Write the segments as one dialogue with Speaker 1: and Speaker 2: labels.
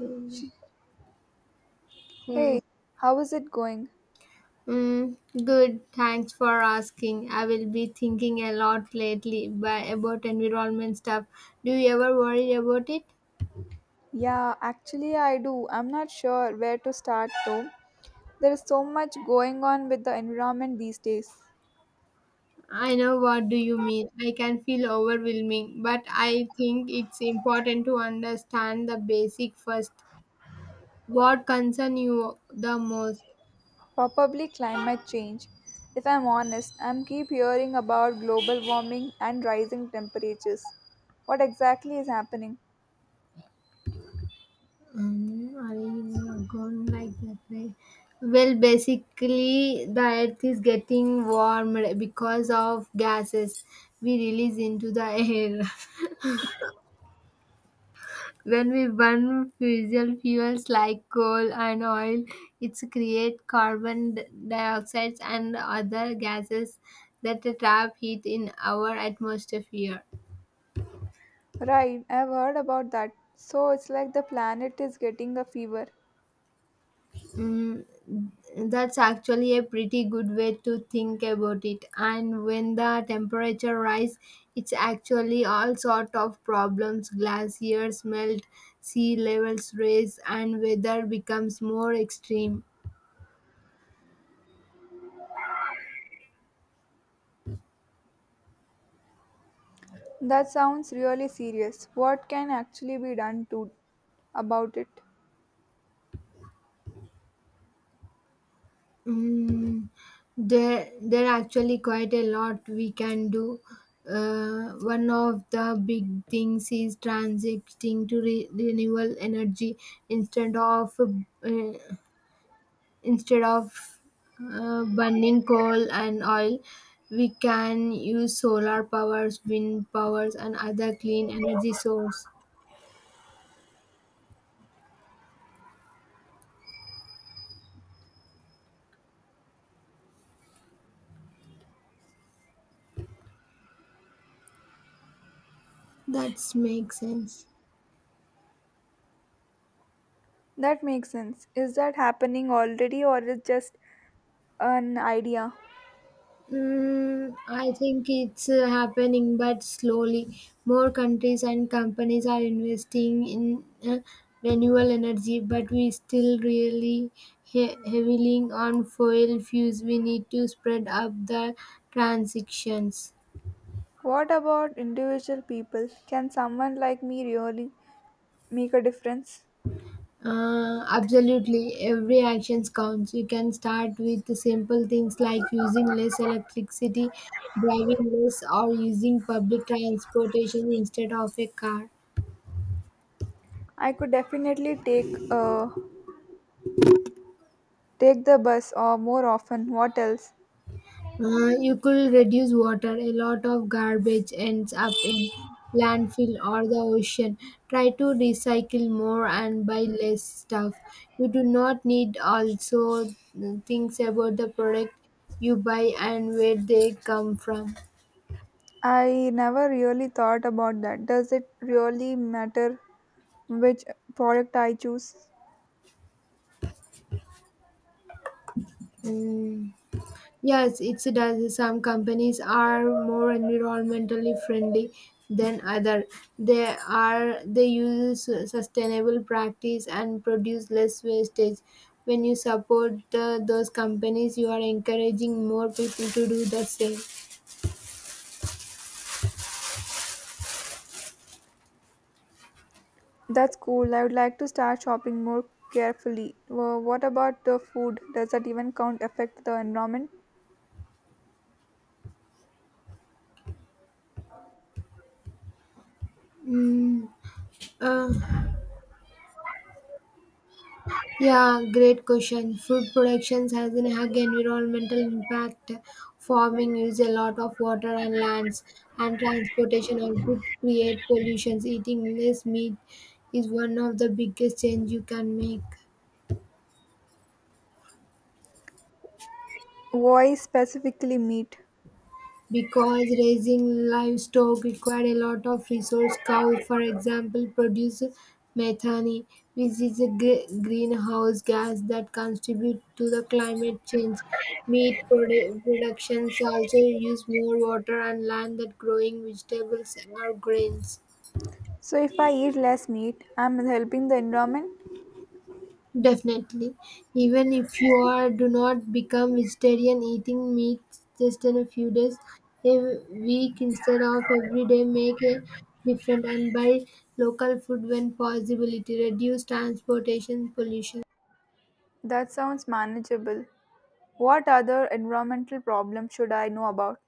Speaker 1: Mm,
Speaker 2: She, hey, how is it going?
Speaker 1: mm, good. Thanks for asking. I will be thinking a lot lately by, about environment stuff. Do you ever worry about it?
Speaker 2: Yeah, actually, I do. I'm not sure where to start though. There is so much going on with the environment these days.
Speaker 1: I know what do you mean. I can feel overwhelming, but I think it's important to understand the basic first. What concern you the most?
Speaker 2: Probably climate change. If I'm honest, I'm keep hearing about global warming and rising temperatures. What exactly is happening?
Speaker 1: Are you gone like that way? Well, basically, the earth is getting warmed because of gases we release into the air. When we burn fossil fuels like coal and oil, it creates carbon dioxide and other gases that trap heat in our atmosphere.
Speaker 2: Right, I've heard about that. So it's like the planet is getting a fever.
Speaker 1: Mm, that's actually a pretty good way to think about it. And when the temperature rise, it's actually all sort of problems. Glaciers melt, sea levels rise, and weather becomes more extreme.
Speaker 2: That sounds really serious. What can actually be done to about it?
Speaker 1: Mm, there are actually quite a lot we can do. One of the big things is transiting to renewable energy instead of uh, instead of burning coal and oil, we can use solar powers, wind powers, and other clean energy source that makes sense.
Speaker 2: That makes sense. Is that happening already or is just an idea?
Speaker 1: I think it's happening, but slowly. More countries and companies are investing in renewable energy, but we still really heavily on fossil fuels. We need to spread up the transitions.
Speaker 2: What about individual people? Can someone like me really make a difference?
Speaker 1: Absolutely, every action counts. You can start with the simple things like using less electricity, driving less, or using public transportation instead of a car.
Speaker 2: I could definitely take uh, take the bus or more often. What else?
Speaker 1: You could reduce water. A lot of garbage ends up in landfill or the ocean. Try to recycle more and buy less stuff. You do not need also things about the product you buy and where they come from.
Speaker 2: I never really thought about that. Does it really matter which product I choose?
Speaker 1: Mm. Yes, it does. Some companies are more environmentally friendly than other. They use sustainable practice and produce less wastage. When you support those companies, you are encouraging more people to do the same.
Speaker 2: That's cool. I would like to start shopping more carefully. What about the food? Does that even count affect the environment?
Speaker 1: Mm, uh, Yeah, great question. Food productions has a hug environmental impact. Farming use a lot of water and lands, and transportation also create pollutions. Eating less meat is one of the biggest change you can make.
Speaker 2: Why specifically meat?
Speaker 1: Because raising livestock required a lot of resource, cows for example produce methane, which is a greenhouse gas that contributes to the climate change. Meat productions also use more water and land than growing vegetables or grains.
Speaker 2: So, if I eat less meat, I'm helping the environment?
Speaker 1: Definitely. Even if you are do not become vegetarian, eating meat just in a few days a week instead of every day make a different, and buy local food when possibility, reduce transportation pollution.
Speaker 2: That sounds manageable. What other environmental problems should I know about?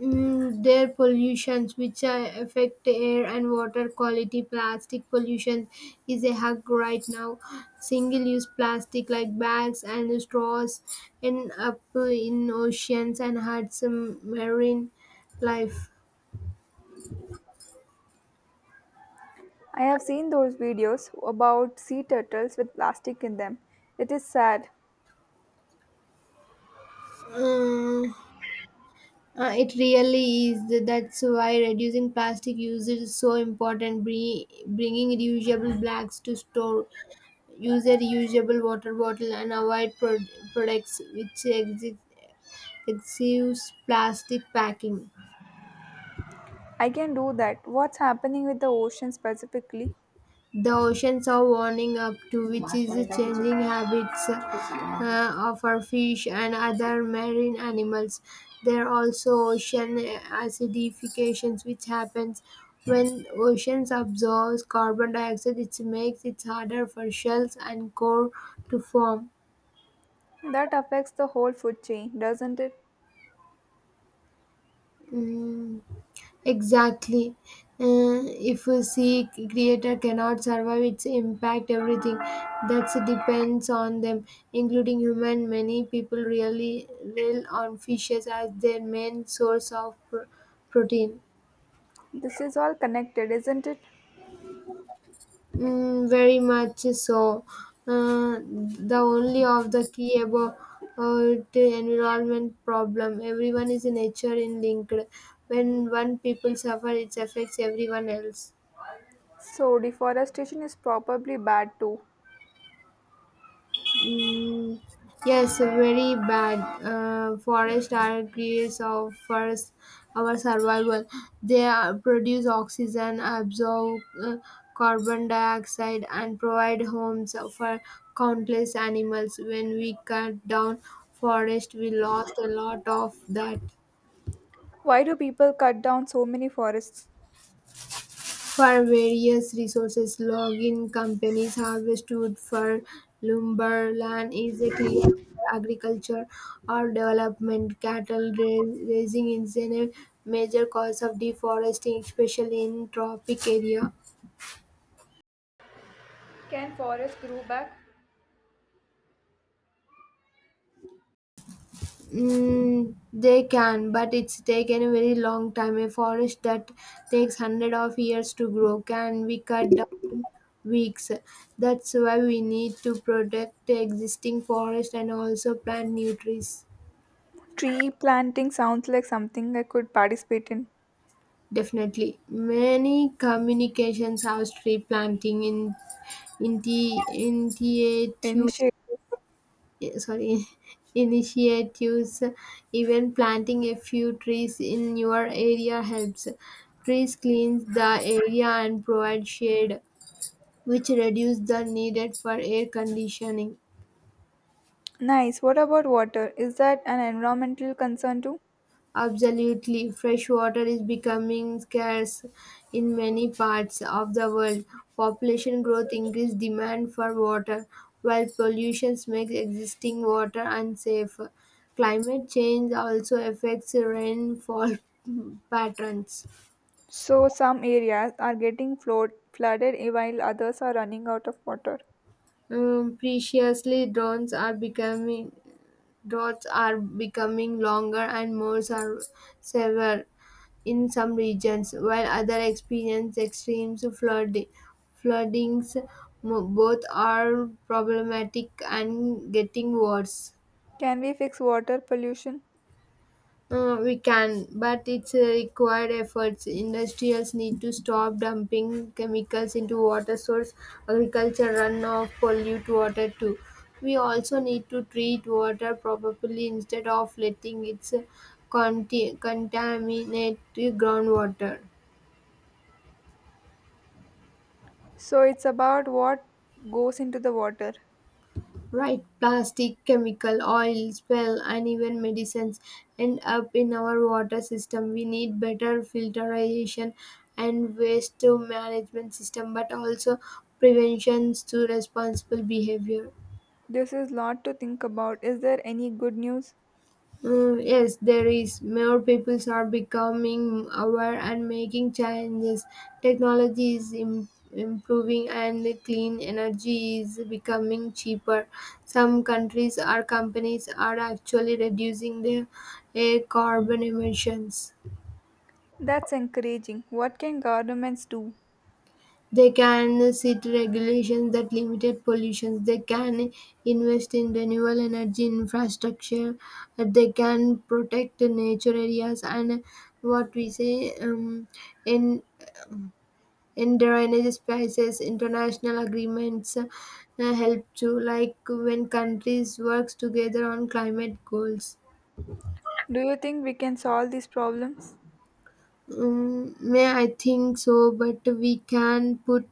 Speaker 1: Their pollutions, which affect air and water quality. Plastic pollution is a hug right now. Single use plastic like bags and straws end up in oceans and hurts marine life.
Speaker 2: I have seen those videos about sea turtles with plastic in them. It is sad.
Speaker 1: uh, it really is. That's why reducing plastic usage is so important. Bringing reusable bags to store, use a reusable water bottle, and avoid products which exist excessive plastic packing.
Speaker 2: I can do that. What's happening with the ocean specifically?
Speaker 1: The oceans are warming up too, which is changing habits of our fish and other marine animals. There are also ocean acidifications, which happens when oceans absorb carbon dioxide. It makes it harder for shells and core to form.
Speaker 2: That affects the whole food chain, doesn't it?
Speaker 1: Mm, Exactly. If we see creator cannot survive its impact, everything that depends on them, including human. Many people really rely on fishes as their main source of protein.
Speaker 2: This is all connected, isn't it?
Speaker 1: Very much so. The only of the key about the environment problem. Everyone is in nature in linked. When one people suffer, it affects everyone else.
Speaker 2: So, deforestation is probably bad too.
Speaker 1: Mm, yes, very bad. Forests are creators of first our survival. Produce oxygen, absorb carbon dioxide, and provide homes for countless animals. When we cut down forest, we lost a lot of that.
Speaker 2: Why do people cut down so many forests?
Speaker 1: For various resources. Logging companies harvest wood for lumber. Land is a clear for agriculture or development. Cattle raising is a major cause of deforestation, especially in tropic area.
Speaker 2: Can forests grow back?
Speaker 1: They can, but it's taken a very long time. A forest that takes hundred of years to grow can be cut down in weeks. That's why we need to protect the existing forest and also plant new trees.
Speaker 2: Tree planting sounds like something I could participate in.
Speaker 1: Definitely, many communications have tree planting in the
Speaker 2: Initiative.
Speaker 1: eh, sorry initiatives. Even planting a few trees in your area helps. Trees cleans the area and provide shade, which reduce the needed for air conditioning.
Speaker 2: Nice. What about water? Is that an environmental concern too?
Speaker 1: Absolutely. Fresh water is becoming scarce in many parts of the world. Population growth increases demand for water, while pollution makes existing water unsafe. Climate change also affects rainfall patterns.
Speaker 2: So some areas are getting flooded while others are running out of water.
Speaker 1: Preciously, drones are becoming droughts are becoming longer and more severe in some regions, while others experience extreme flooding. Floodings, both are problematic and getting worse.
Speaker 2: Can we fix water pollution?
Speaker 1: We can, but it's a required efforts. Industrials need to stop dumping chemicals into water source. Agriculture runoff pollute water too. We also need to treat water properly instead of letting it contaminate the groundwater.
Speaker 2: So it's about what goes into the water.
Speaker 1: Right, plastic, chemical, oil, spill, and even medicines end up in our water system. We need better filtration and waste to management system, but also preventions to responsible behavior.
Speaker 2: This is lot to think about. Is there any good news?
Speaker 1: Yes, there is. More people are becoming aware and making changes. Technology is improving and the clean energy is becoming cheaper. Some countries or companies are actually reducing their air carbon emissions.
Speaker 2: That's encouraging. What can governments do?
Speaker 1: They can set regulations that limit pollution, they can invest in renewable energy infrastructure, they can protect the nature areas and what we say in endangered spaces. International agreements help to like when countries works together on climate goals.
Speaker 2: Do you think we can solve these problems?
Speaker 1: May I think so but we can put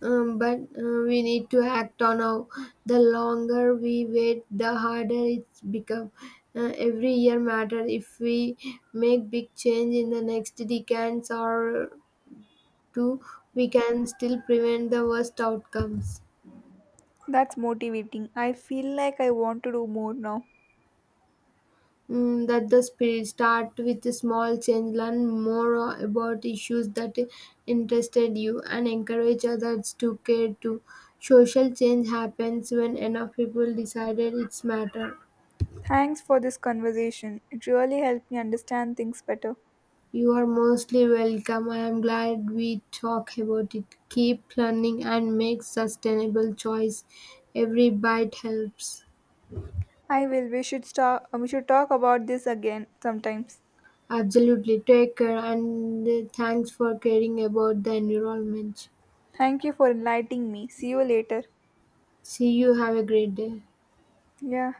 Speaker 1: But we need to act on now. The longer we wait, the harder it's become. Every year matter if we make big change in the next decades or two, we can still prevent the worst outcomes.
Speaker 2: That's motivating. I feel like I want to do more now.
Speaker 1: That the spirit. Start with a small change, learn more about issues that interested you, and encourage others to care too. Social change happens when enough people decided it's matter.
Speaker 2: Thanks for this conversation. It really helped me understand things better.
Speaker 1: You are mostly welcome. I am glad we talk about it. Keep learning and make sustainable choice. Every bite helps.
Speaker 2: I will. We should start. We should talk about this again sometimes.
Speaker 1: Absolutely. Take care and thanks for caring about the environment.
Speaker 2: Thank you for enlightening me. See you later.
Speaker 1: See you. Have a great day.
Speaker 2: Yeah.